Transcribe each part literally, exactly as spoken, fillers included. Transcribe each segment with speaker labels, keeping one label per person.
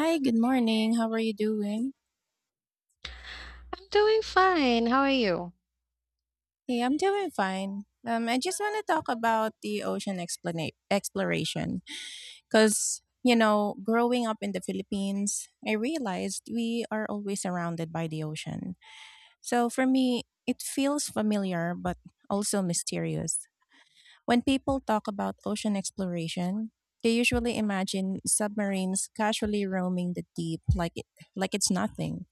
Speaker 1: Hi, good morning. How are you doing?
Speaker 2: I'm doing fine. How are you?
Speaker 1: Hey, I'm doing fine. Um, I just want to talk about the ocean explana- exploration because, you know, growing up in the Philippines, I realized we are always surrounded by the ocean. So for me, it feels familiar but also mysterious. When people talk about ocean exploration, they usually imagine submarines casually roaming the deep like it, like it's nothing.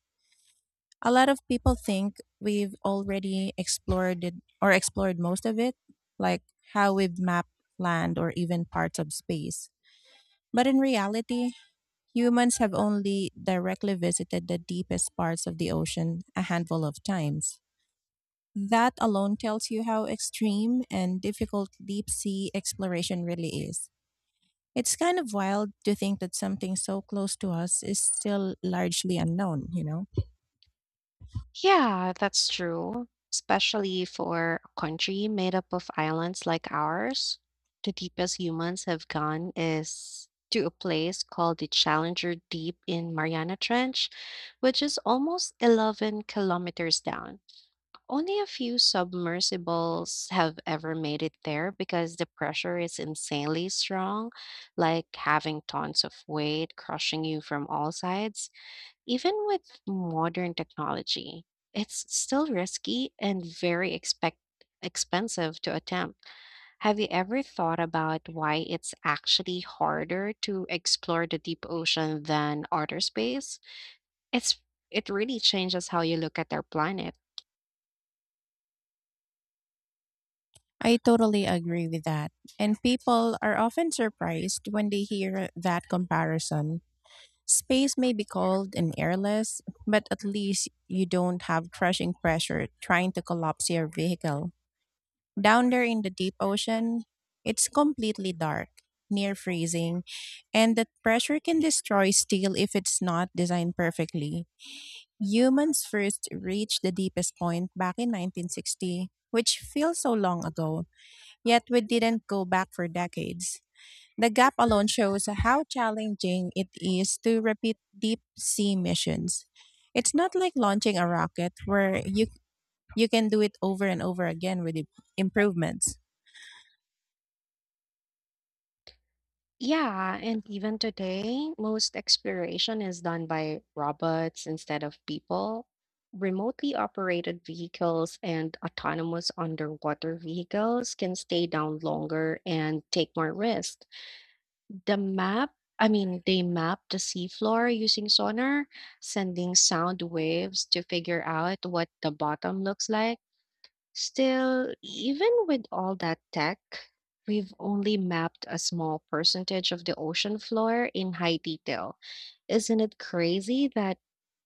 Speaker 1: A lot of people think we've already explored it or explored most of it, like how we've mapped land or even parts of space. But in reality, humans have only directly visited the deepest parts of the ocean a handful of times. That alone tells you how extreme and difficult deep sea exploration really is. It's kind of wild to think that something so close to us is still largely unknown, you know?
Speaker 2: Yeah, that's true, especially for a country made up of islands like ours. The deepest humans have gone is to a place called the Challenger Deep in Mariana Trench, which is almost 11 kilometers down. Only a few submersibles have ever made it there because the pressure is insanely strong, like having tons of weight crushing you from all sides. Even with modern technology, it's still risky and very expect expensive to attempt. Have you ever thought about why it's actually harder to explore the deep ocean than outer space? It's it really changes how you look at our planet.
Speaker 1: I totally agree with that. And people are often surprised when they hear that comparison. Space may be cold and airless, but at least you don't have crushing pressure trying to collapse your vehicle. Down there in the deep ocean, it's completely dark, near freezing, and that pressure can destroy steel if it's not designed perfectly. Humans first reached the deepest point back in nineteen sixty, which feels so long ago, yet we didn't go back for decades. The gap alone shows how challenging it is to repeat deep sea missions. It's not like launching a rocket where you you can do it over and over again with im- improvements.
Speaker 2: Yeah, and even today, most exploration is done by robots instead of people. Remotely operated vehicles and autonomous underwater vehicles can stay down longer and take more risk. The map, I mean, they map the seafloor using sonar, sending sound waves to figure out what the bottom looks like. Still, even with all that tech, we've only mapped a small percentage of the ocean floor in high detail. Isn't it crazy that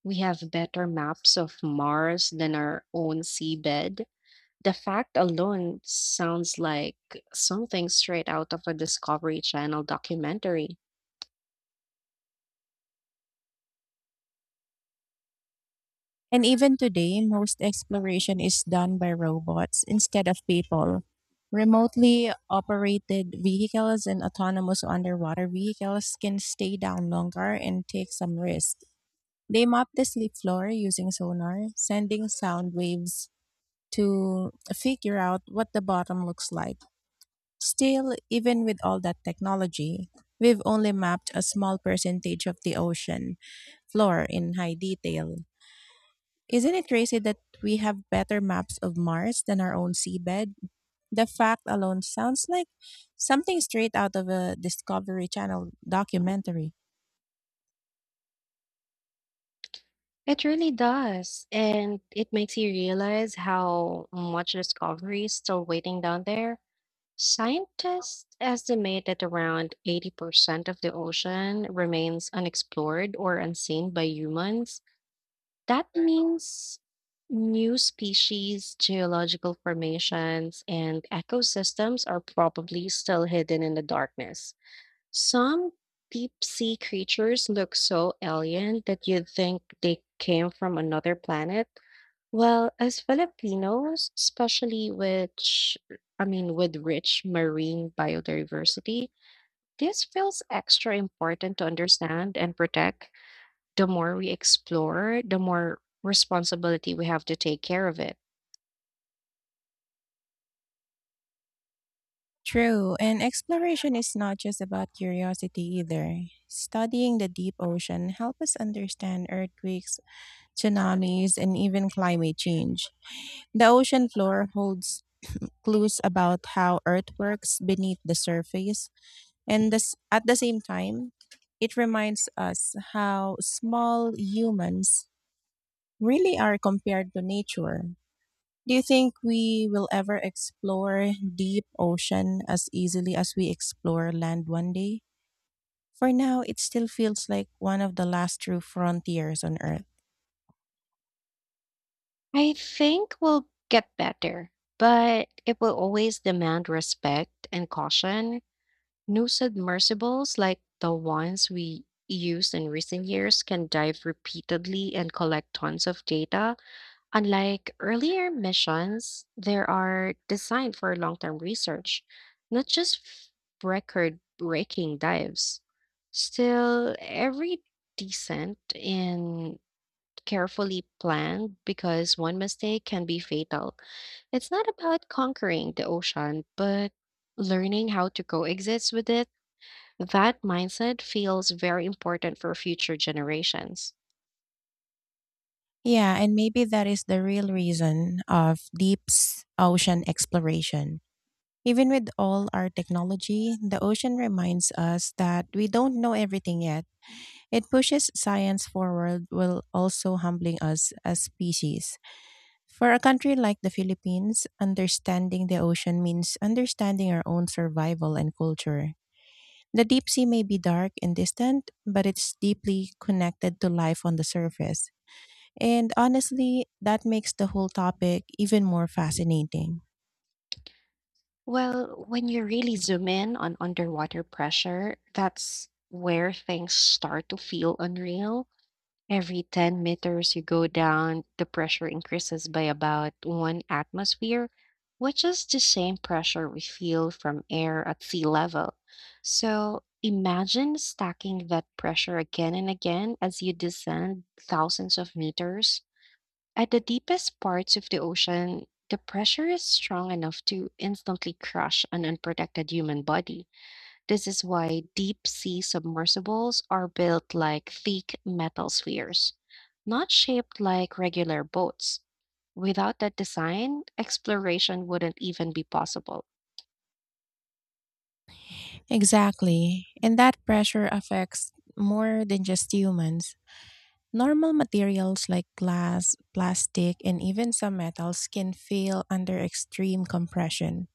Speaker 2: we have better maps of Mars than our own seabed? The fact alone sounds like something straight out of a Discovery Channel documentary.
Speaker 1: And even today, most exploration is done by robots instead of people. Remotely operated vehicles and autonomous underwater vehicles can stay down longer and take some risk. They map the sleep floor using sonar, sending sound waves to figure out what the bottom looks like. Still, even with all that technology, we've only mapped a small percentage of the ocean floor in high detail. Isn't it crazy that we have better maps of Mars than our own seabed? The fact alone sounds like something straight out of a Discovery Channel documentary.
Speaker 2: It really does. And it makes you realize how much discovery is still waiting down there Scientists estimate that around eighty percent of the ocean remains unexplored or unseen by humans. That means new species, geological formations, and ecosystems are probably still hidden in the darkness. Some deep sea creatures look so alien that you'd think they came from another planet Well, as Filipinos, especially which I mean with rich marine biodiversity, this feels extra important to understand and protect. The more we explore, the more responsibility we have to take care of it.
Speaker 1: True, and exploration is not just about curiosity either. Studying the deep ocean helps us understand earthquakes, tsunamis, and even climate change. The ocean floor holds clues about how Earth works beneath the surface, and this, at the same time, it reminds us how small humans really are compared to nature. Do you think we will ever explore deep ocean as easily as we explore land one day? For now, it still feels like one of the last true frontiers on Earth.
Speaker 2: I think we'll get better, but it will always demand respect and caution. New submersibles like the ones we used in recent years can dive repeatedly and collect tons of data Unlike earlier missions, there are designed for long term research, not just record breaking dives. Still, every descent and carefully planned because one mistake can be fatal. It's not about conquering the ocean, but learning how to coexist with it. That mindset feels very important for future generations.
Speaker 1: Yeah, and maybe that is the real reason of deep s- ocean exploration. Even with all our technology, the ocean reminds us that we don't know everything yet. It pushes science forward while also humbling us as species. For a country like the Philippines, understanding the ocean means understanding our own survival and culture. The deep sea may be dark and distant, but it's deeply connected to life on the surface. And honestly, that makes the whole topic even more fascinating.
Speaker 2: Well, when you really zoom in on underwater pressure, that's where things start to feel unreal. Every 10 meters you go down, the pressure increases by about one atmosphere, which is the same pressure we feel from air at sea level. So imagine stacking that pressure again and again as you descend thousands of meters. At the deepest parts of the ocean, the pressure is strong enough to instantly crush an unprotected human body. This is why deep sea submersibles are built like thick metal spheres, not shaped like regular boats. Without that design, exploration wouldn't even be possible.
Speaker 1: Exactly. And that pressure affects more than just humans. Normal materials like glass, plastic, and even some metals can fail under extreme compression.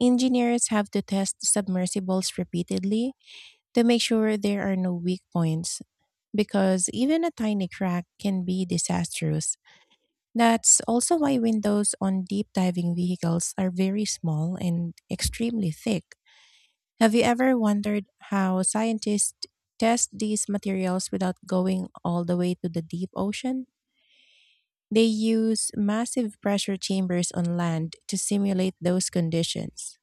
Speaker 1: Engineers have to test submersibles repeatedly to make sure there are no weak points, because even a tiny crack can be disastrous. That's also why windows on deep diving vehicles are very small and extremely thick. Have you ever wondered how scientists test these materials without going all the way to the deep ocean? They use massive pressure chambers on land to simulate those conditions.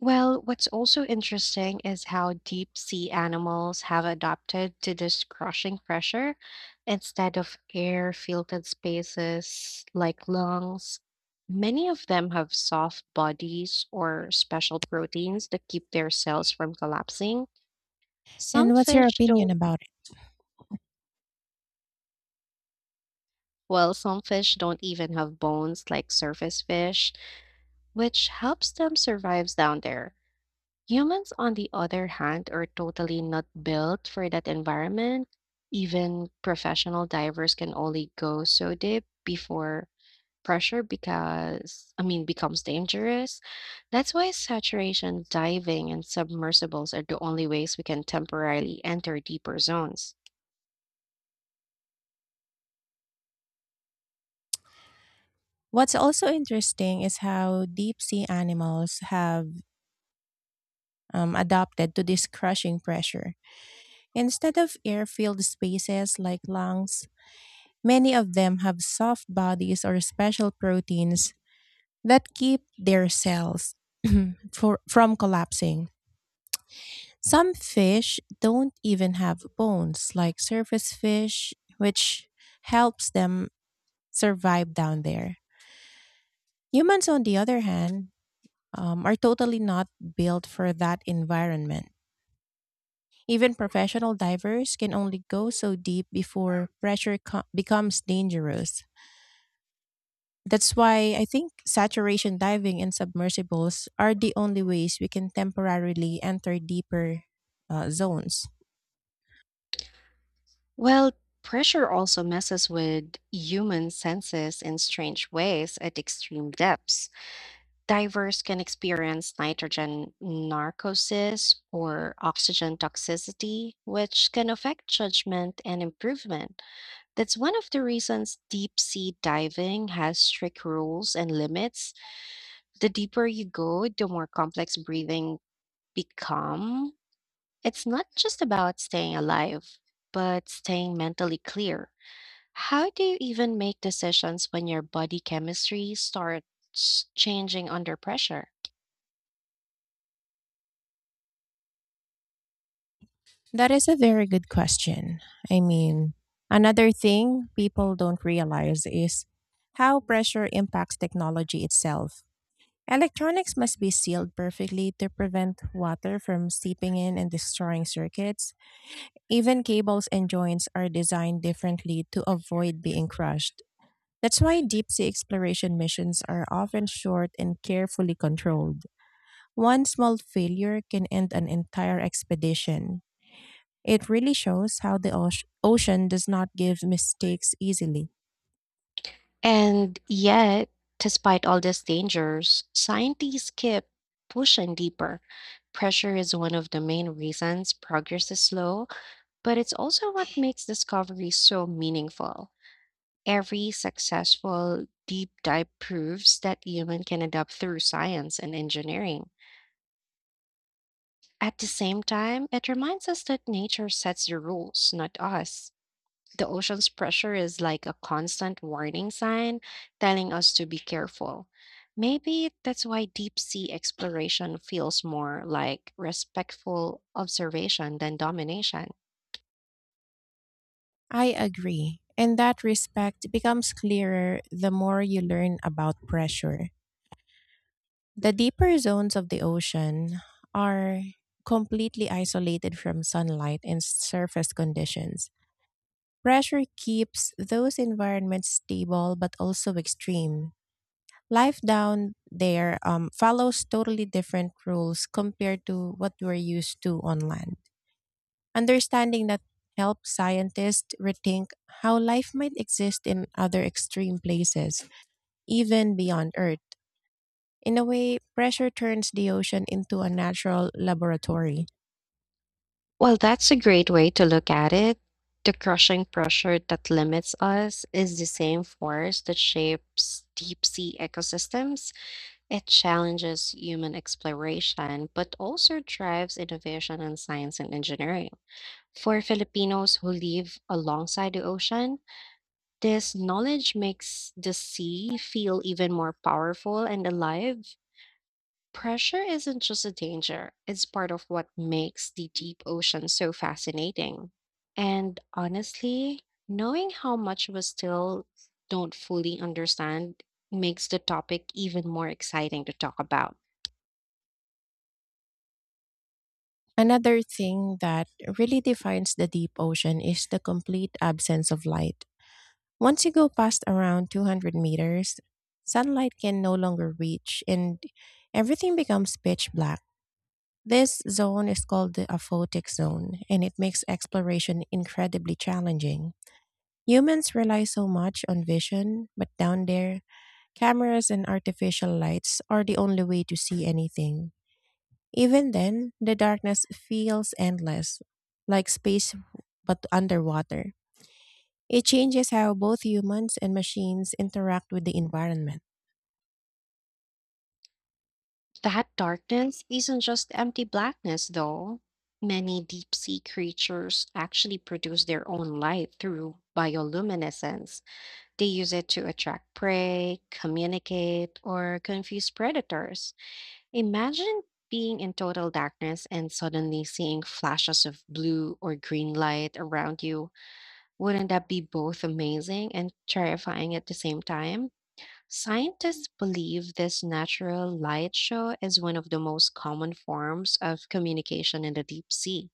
Speaker 2: Well, what's also interesting is how deep sea animals have adapted to this crushing pressure instead of air filtered spaces like lungs. Many of them have soft bodies or special proteins that keep their cells from collapsing. Some
Speaker 1: And what's your
Speaker 2: fish
Speaker 1: opinion
Speaker 2: don't,
Speaker 1: about it?
Speaker 2: well, some fish don't even have bones like surface fish, which helps them survive down there. Humans, on the other hand, are totally not built for that environment. Even professional divers can only go so deep before pressure because I mean becomes dangerous. That's why saturation diving and submersibles are the only ways we can temporarily enter deeper zones.
Speaker 1: What's also interesting is how deep sea animals have um, adapted to this crushing pressure. Instead of air filled spaces like lungs, many of them have soft bodies or special proteins that keep their cells for, from collapsing. Some fish don't even have bones, like surface fish, which helps them survive down there. Humans, on the other hand, um, are totally not built for that environment. Even professional divers can only go so deep before pressure co- becomes dangerous. That's why I think saturation diving and submersibles are the only ways we can temporarily enter deeper uh, zones.
Speaker 2: Well, pressure also messes with human senses in strange ways at extreme depths. Divers can experience nitrogen narcosis or oxygen toxicity, which can affect judgment and improvement. That's one of the reasons deep sea diving has strict rules and limits. The deeper you go, the more complex breathing become. It's not just about staying alive, but staying mentally clear. How do you even make decisions when your body chemistry starts changing under pressure?
Speaker 1: That is a very good question. I mean, another thing people don't realize is how pressure impacts technology itself. Electronics must be sealed perfectly to prevent water from seeping in and destroying circuits. Even cables and joints are designed differently to avoid being crushed. That's why deep sea exploration missions are often short and carefully controlled. One small failure can end an entire expedition. It really shows how the oce- ocean does not give mistakes easily.
Speaker 2: And yet, despite all these dangers, scientists keep pushing deeper. Pressure is one of the main reasons progress is slow, but it's also what makes discovery so meaningful. Every successful deep dive proves that human can adapt through science and engineering. At the same time, it reminds us that nature sets the rules, not us. The ocean's pressure is like a constant warning sign telling us to be careful. Maybe that's why deep sea exploration feels more like respectful observation than domination.
Speaker 1: I agree. And that respect becomes clearer the more you learn about pressure. The deeper zones of the ocean are completely isolated from sunlight and surface conditions. Pressure keeps those environments stable but also extreme. Life down there um, follows totally different rules compared to what we're used to on land. Understanding that helps scientists rethink how life might exist in other extreme places, even beyond Earth. In a way, pressure turns the ocean into a natural laboratory.
Speaker 2: Well, that's a great way to look at it. The crushing pressure that limits us is the same force that shapes deep sea ecosystems. It challenges human exploration, but also drives innovation in science and engineering. For Filipinos who live alongside the ocean, this knowledge makes the sea feel even more powerful and alive. Pressure isn't just a danger, it's part of what makes the deep ocean so fascinating. And honestly, knowing how much we still don't fully understand makes the topic even more exciting to talk about.
Speaker 1: Another thing that really defines the deep ocean is the complete absence of light. Once you go past around two hundred meters, sunlight can no longer reach and everything becomes pitch black. This zone is called the aphotic zone, and it makes exploration incredibly challenging. Humans rely so much on vision, but down there, cameras and artificial lights are the only way to see anything. Even then, the darkness feels endless, like space but underwater. It changes how both humans and machines interact with the environment.
Speaker 2: That darkness isn't just empty blackness, though. Many deep sea creatures actually produce their own light through bioluminescence. They use it to attract prey, communicate, or confuse predators. Imagine being in total darkness and suddenly seeing flashes of blue or green light around you. Wouldn't that be both amazing and terrifying at the same time? Scientists believe this natural light show is one of the most common forms of communication in the deep sea.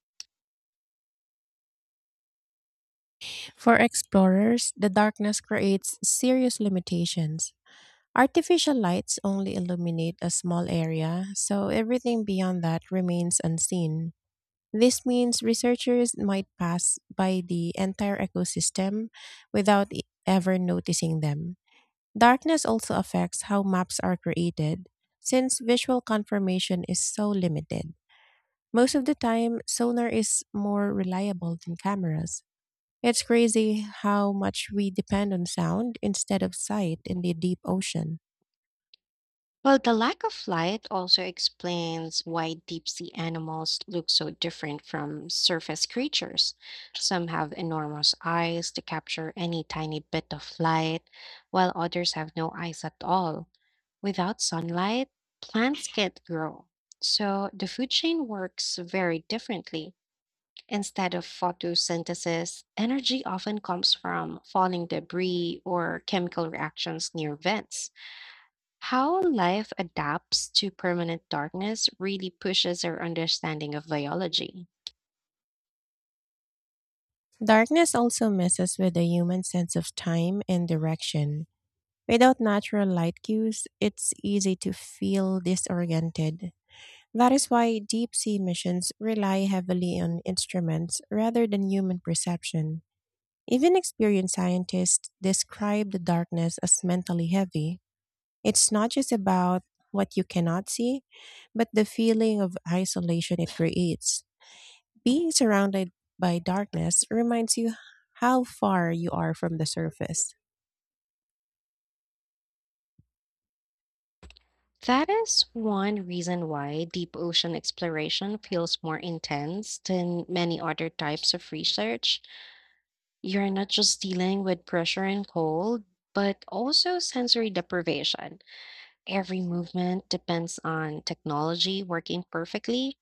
Speaker 1: For explorers, the darkness creates serious limitations. Artificial lights only illuminate a small area, so everything beyond that remains unseen. This means researchers might pass by the entire ecosystem without e- ever noticing them. Darkness also affects how maps are created, since visual confirmation is so limited. Most of the time, sonar is more reliable than cameras. It's crazy how much we depend on sound instead of sight in the deep ocean.
Speaker 2: Well, the lack of light also explains why deep sea animals look so different from surface creatures. Some have enormous eyes to capture any tiny bit of light, while others have no eyes at all. Without sunlight, plants can't grow. So the food chain works very differently. Instead of photosynthesis, energy often comes from falling debris or chemical reactions near vents. How life adapts to permanent darkness really pushes our understanding of biology.
Speaker 1: Darkness also messes with the human sense of time and direction. Without natural light cues, it's easy to feel disoriented. That is why deep sea missions rely heavily on instruments rather than human perception. Even experienced scientists describe the darkness as mentally heavy. It's not just about what you cannot see, but the feeling of isolation it creates. Being surrounded by darkness reminds you how far you are from the surface.
Speaker 2: That is one reason why deep ocean exploration feels more intense than many other types of research. You're not just dealing with pressure and cold, but also sensory deprivation Every movement depends on technology working perfectly.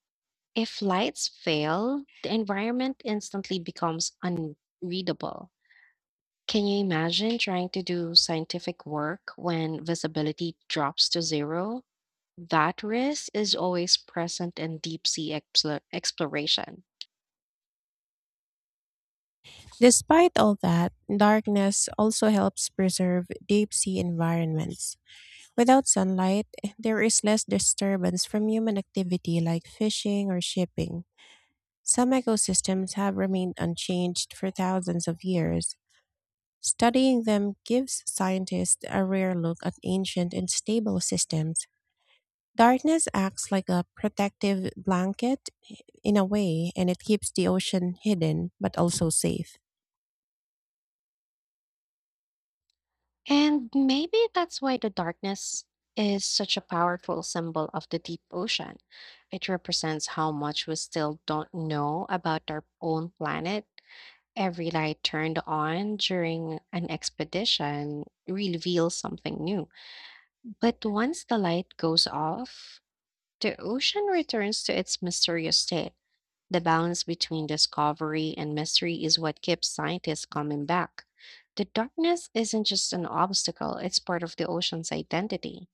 Speaker 2: If lights fail, the environment instantly becomes unreadable. Can you imagine trying to do scientific work when visibility drops to zero? That risk is always present in deep sea explo- exploration.
Speaker 1: Despite all that, darkness also helps preserve deep sea environments. Without sunlight, there is less disturbance from human activity like fishing or shipping. Some ecosystems have remained unchanged for thousands of years. Studying them gives scientists a rare look at ancient and stable systems. Darkness acts like a protective blanket in a way, and it keeps the ocean hidden but also safe.
Speaker 2: And maybe that's why the darkness is such a powerful symbol of the deep ocean. It represents how much we still don't know about our own planet. Every light turned on during an expedition reveals something new. But once the light goes off, the ocean returns to its mysterious state. The balance between discovery and mystery is what keeps scientists coming back. The darkness isn't just an obstacle, it's part of the ocean's identity.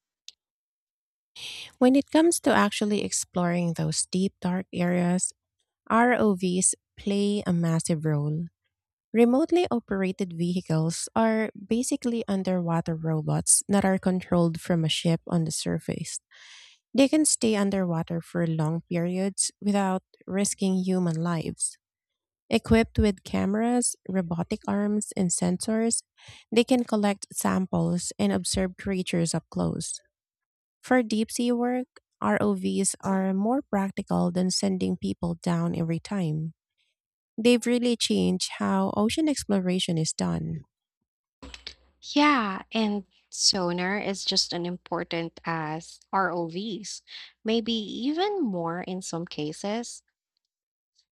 Speaker 1: When it comes to actually exploring those deep, dark areas, R O Vs play a massive role. Remotely operated vehicles are basically underwater robots that are controlled from a ship on the surface. They can stay underwater for long periods without risking human lives. Equipped with cameras, robotic arms, and sensors, they can collect samples and observe creatures up close. For deep sea work, R O Vs are more practical than sending people down every time. They've really changed how ocean exploration is done.
Speaker 2: Yeah, and sonar is just as important as R O Vs, maybe even more in some cases,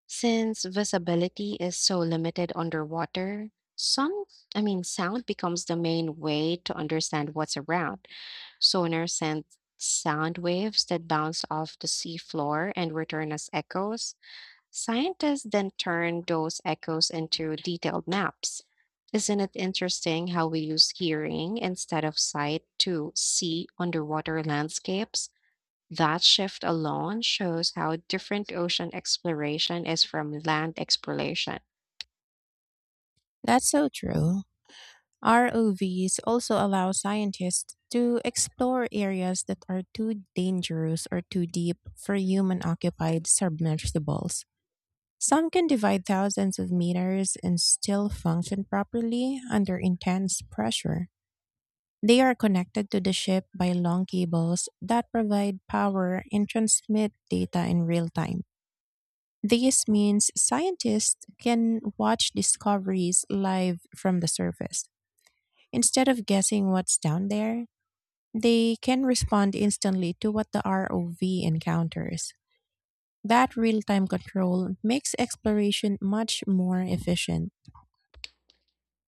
Speaker 2: since visibility is so limited underwater. Some, I mean, sound becomes the main way to understand what's around. Sonar sent sound waves that bounced off the seafloor and returned as echoes. Scientists then turned those echoes into detailed maps. Isn't it interesting how we use hearing instead of sight to see underwater landscapes? That shift alone shows how different ocean exploration is from land exploration.
Speaker 1: That's so true. R O Vs also allow scientists to explore areas that are too dangerous or too deep for human occupied submersibles. Some can divide thousands of meters and still function properly under intense pressure. They are connected to the ship by long cables that provide power and transmit data in real time. This means scientists can watch discoveries live from the surface. Instead of guessing what's down there, they can respond instantly to what the R O V encounters. That real time control makes exploration much more efficient.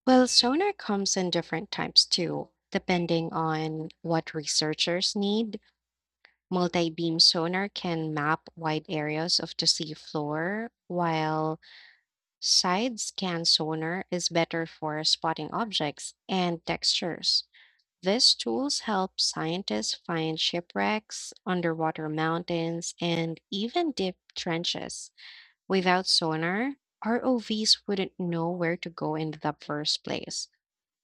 Speaker 2: Well, sonar comes in different types too, depending on what researchers need. Multi-beam sonar can map wide areas of the seafloor, while side scan sonar is better for spotting objects and textures. These tools help scientists find shipwrecks, underwater mountains, and even deep trenches. Without sonar, R O Vs wouldn't know where to go in the first place.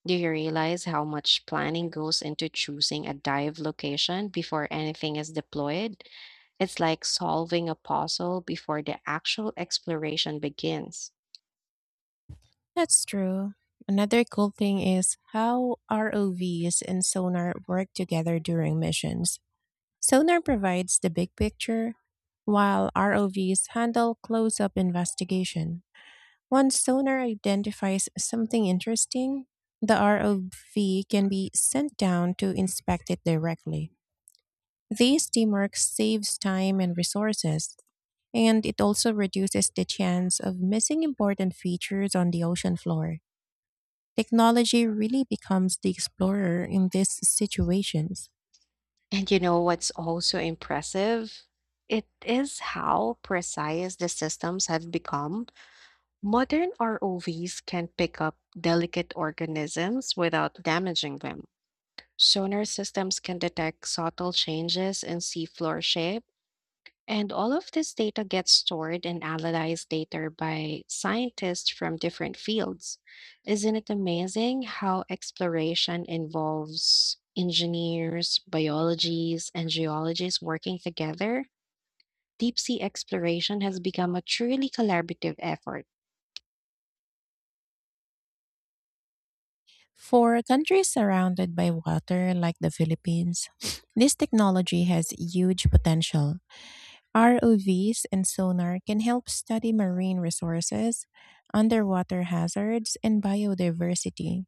Speaker 2: Do you realize how much planning goes into choosing a dive location before anything is deployed? It's like solving a puzzle before the actual exploration begins.
Speaker 1: That's true. Another cool thing is how R O Vs and sonar work together during missions. Sonar provides the big picture, while R O Vs handle close up investigation. Once sonar identifies something interesting, the R O V can be sent down to inspect it directly. This teamwork saves time and resources, and it also reduces the chance of missing important features on the ocean floor. Technology really becomes the explorer in these situations.
Speaker 2: And you know what's also impressive? It is how precise the systems have become. Modern R O Vs can pick up delicate organisms without damaging them. Sonar systems can detect subtle changes in seafloor shape And all of this data gets stored and analyzed later by scientists from different fields. Isn't it amazing how exploration involves engineers, biologists, and geologists working together? Deep sea exploration has become a truly collaborative effort.
Speaker 1: For countries surrounded by water like the Philippines, this technology has huge potential. R O Vs and sonar can help study marine resources, underwater hazards, and biodiversity.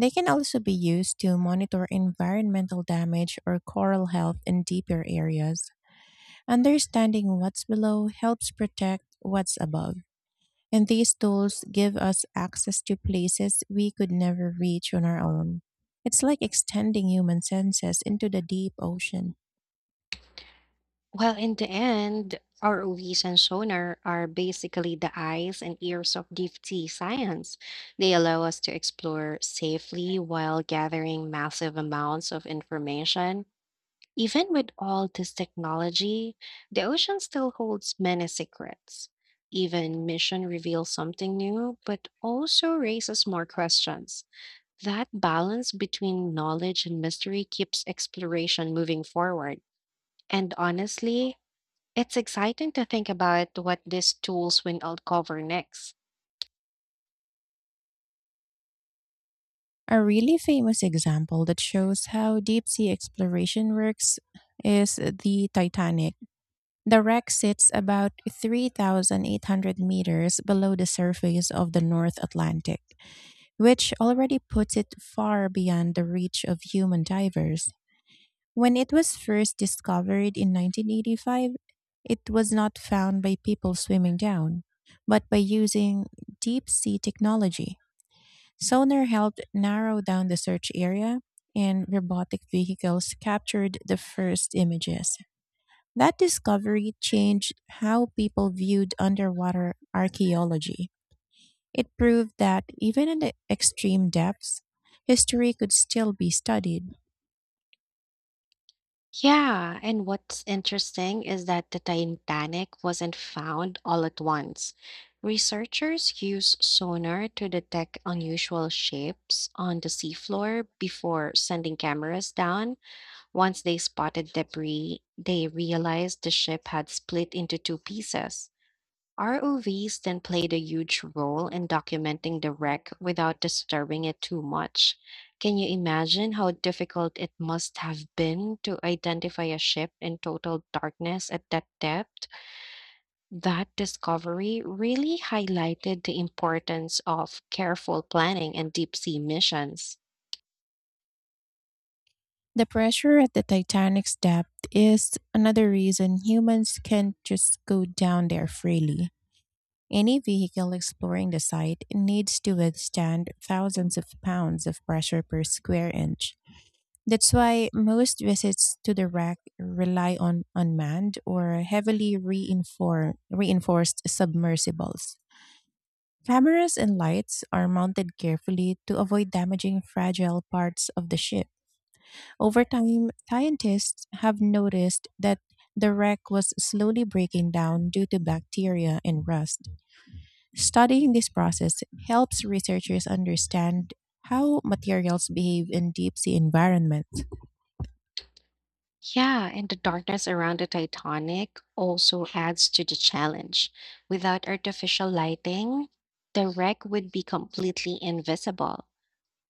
Speaker 1: They can also be used to monitor environmental damage or coral health in deeper areas. Understanding what's below helps protect what's above. And these tools give us access to places we could never reach on our own. It's like extending human senses into the deep ocean.
Speaker 2: Well, in the end, R O Vs and sonar are basically the eyes and ears of deep sea science. They allow us to explore safely while gathering massive amounts of information. Even with all this technology, the ocean still holds many secrets. Even mission reveals something new, but also raises more questions. That balance between knowledge and mystery keeps exploration moving forward. And honestly, it's exciting to think about what these tools will uncover next.
Speaker 1: A really famous example that shows how deep sea exploration works is the Titanic. The wreck sits about three thousand eight hundred meters below the surface of the North Atlantic, which already puts it far beyond the reach of human divers. When it was first discovered in nineteen eighty-five, it was not found by people swimming down, but by using deep sea technology. Sonar helped narrow down the search area, and robotic vehicles captured the first images. That discovery changed how people viewed underwater archaeology. It proved that even in the extreme depths, history could still be studied.
Speaker 2: Yeah, and what's interesting is that the Titanic wasn't found all at once. Researchers used sonar to detect unusual shapes on the seafloor before sending cameras down. Once they spotted debris, they realized the ship had split into two pieces. R O Vs then played a huge role in documenting the wreck without disturbing it too much. Can you imagine how difficult it must have been to identify a ship in total darkness at that depth? That discovery really highlighted the importance of careful planning and deep sea missions.
Speaker 1: The pressure at the Titanic's depth is another reason humans can't just go down there freely. Any vehicle exploring the site needs to withstand thousands of pounds of pressure per square inch. That's why most visits to the wreck rely on unmanned or heavily reinfor- reinforced submersibles. Cameras and lights are mounted carefully to avoid damaging fragile parts of the ship. Over time, scientists have noticed that the wreck was slowly breaking down due to bacteria and rust. Studying this process helps researchers understand how materials behave in deep sea environments.
Speaker 2: Yeah, and the darkness around the Titanic also adds to the challenge. Without artificial lighting, the wreck would be completely invisible.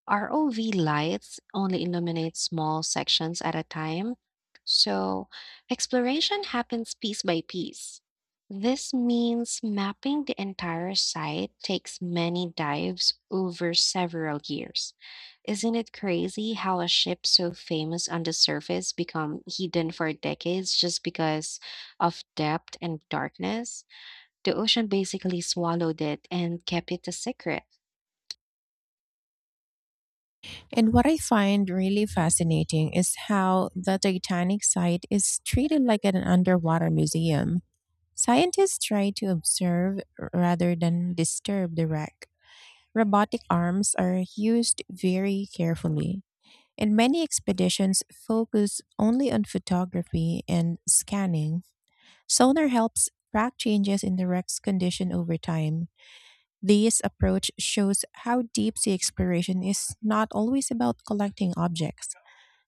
Speaker 2: R O V lights only illuminate small sections at a time, so exploration happens piece by piece. This means mapping the entire site takes many dives over several years. Isn't it crazy how a ship so famous on the surface become hidden for decades just because of depth and darkness? The ocean basically swallowed it and kept it a secret.
Speaker 1: And what I find really fascinating is how the Titanic site is treated like an underwater museum. Scientists try to observe rather than disturb the wreck. Robotic arms are used very carefully, and many expeditions focus only on photography and scanning. Sonar helps track changes in the wreck's condition over time. This approach shows how deep sea exploration is not always about collecting objects.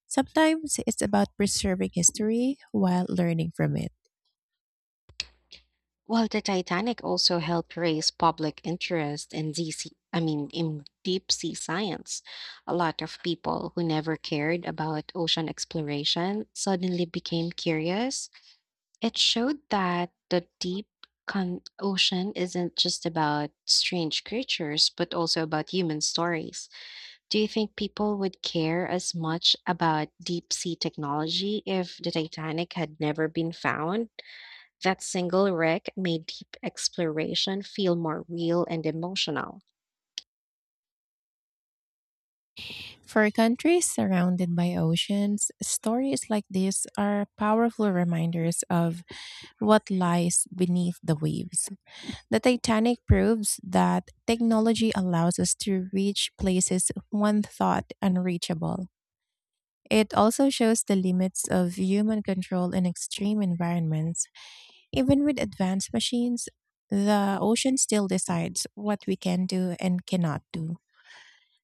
Speaker 1: Sometimes it's about preserving history while learning from it.
Speaker 2: Well, the Titanic also helped raise public interest in D C, I mean, in deep sea science. A lot of people who never cared about ocean exploration suddenly became curious. It showed that the deep con- ocean isn't just about strange creatures, but also about human stories. Do you think people would care as much about deep sea technology if the Titanic had never been found? That single wreck made deep exploration feel more real and emotional.
Speaker 1: For countries surrounded by oceans, stories like this are powerful reminders of what lies beneath the waves. The Titanic proves that technology allows us to reach places one thought unreachable. It also shows the limits of human control in extreme environments. Even with advanced machines, the ocean still decides what we can do and cannot do.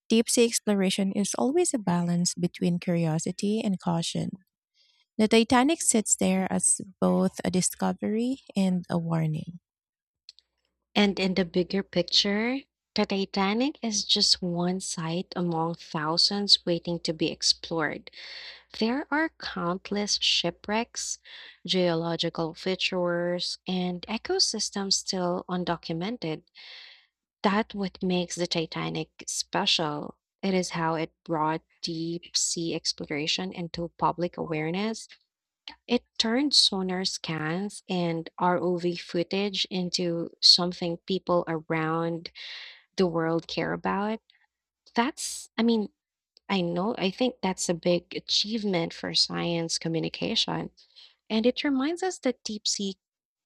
Speaker 1: Deep sea exploration is always a balance between curiosity and caution. The Titanic sits there as both a discovery and a warning.
Speaker 2: And in the bigger picture, the Titanic is just one site among thousands waiting to be explored. There are countless shipwrecks, geological features, and ecosystems still undocumented. That what makes the Titanic special. It is how it brought deep sea exploration into public awareness It turned sonar scans and R O V footage into something people around the world care about. That's, I mean, I know, I think that's a big achievement for science communication. And it reminds us that deep sea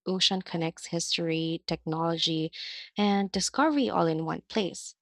Speaker 2: ocean connects history, technology, and discovery all in one place.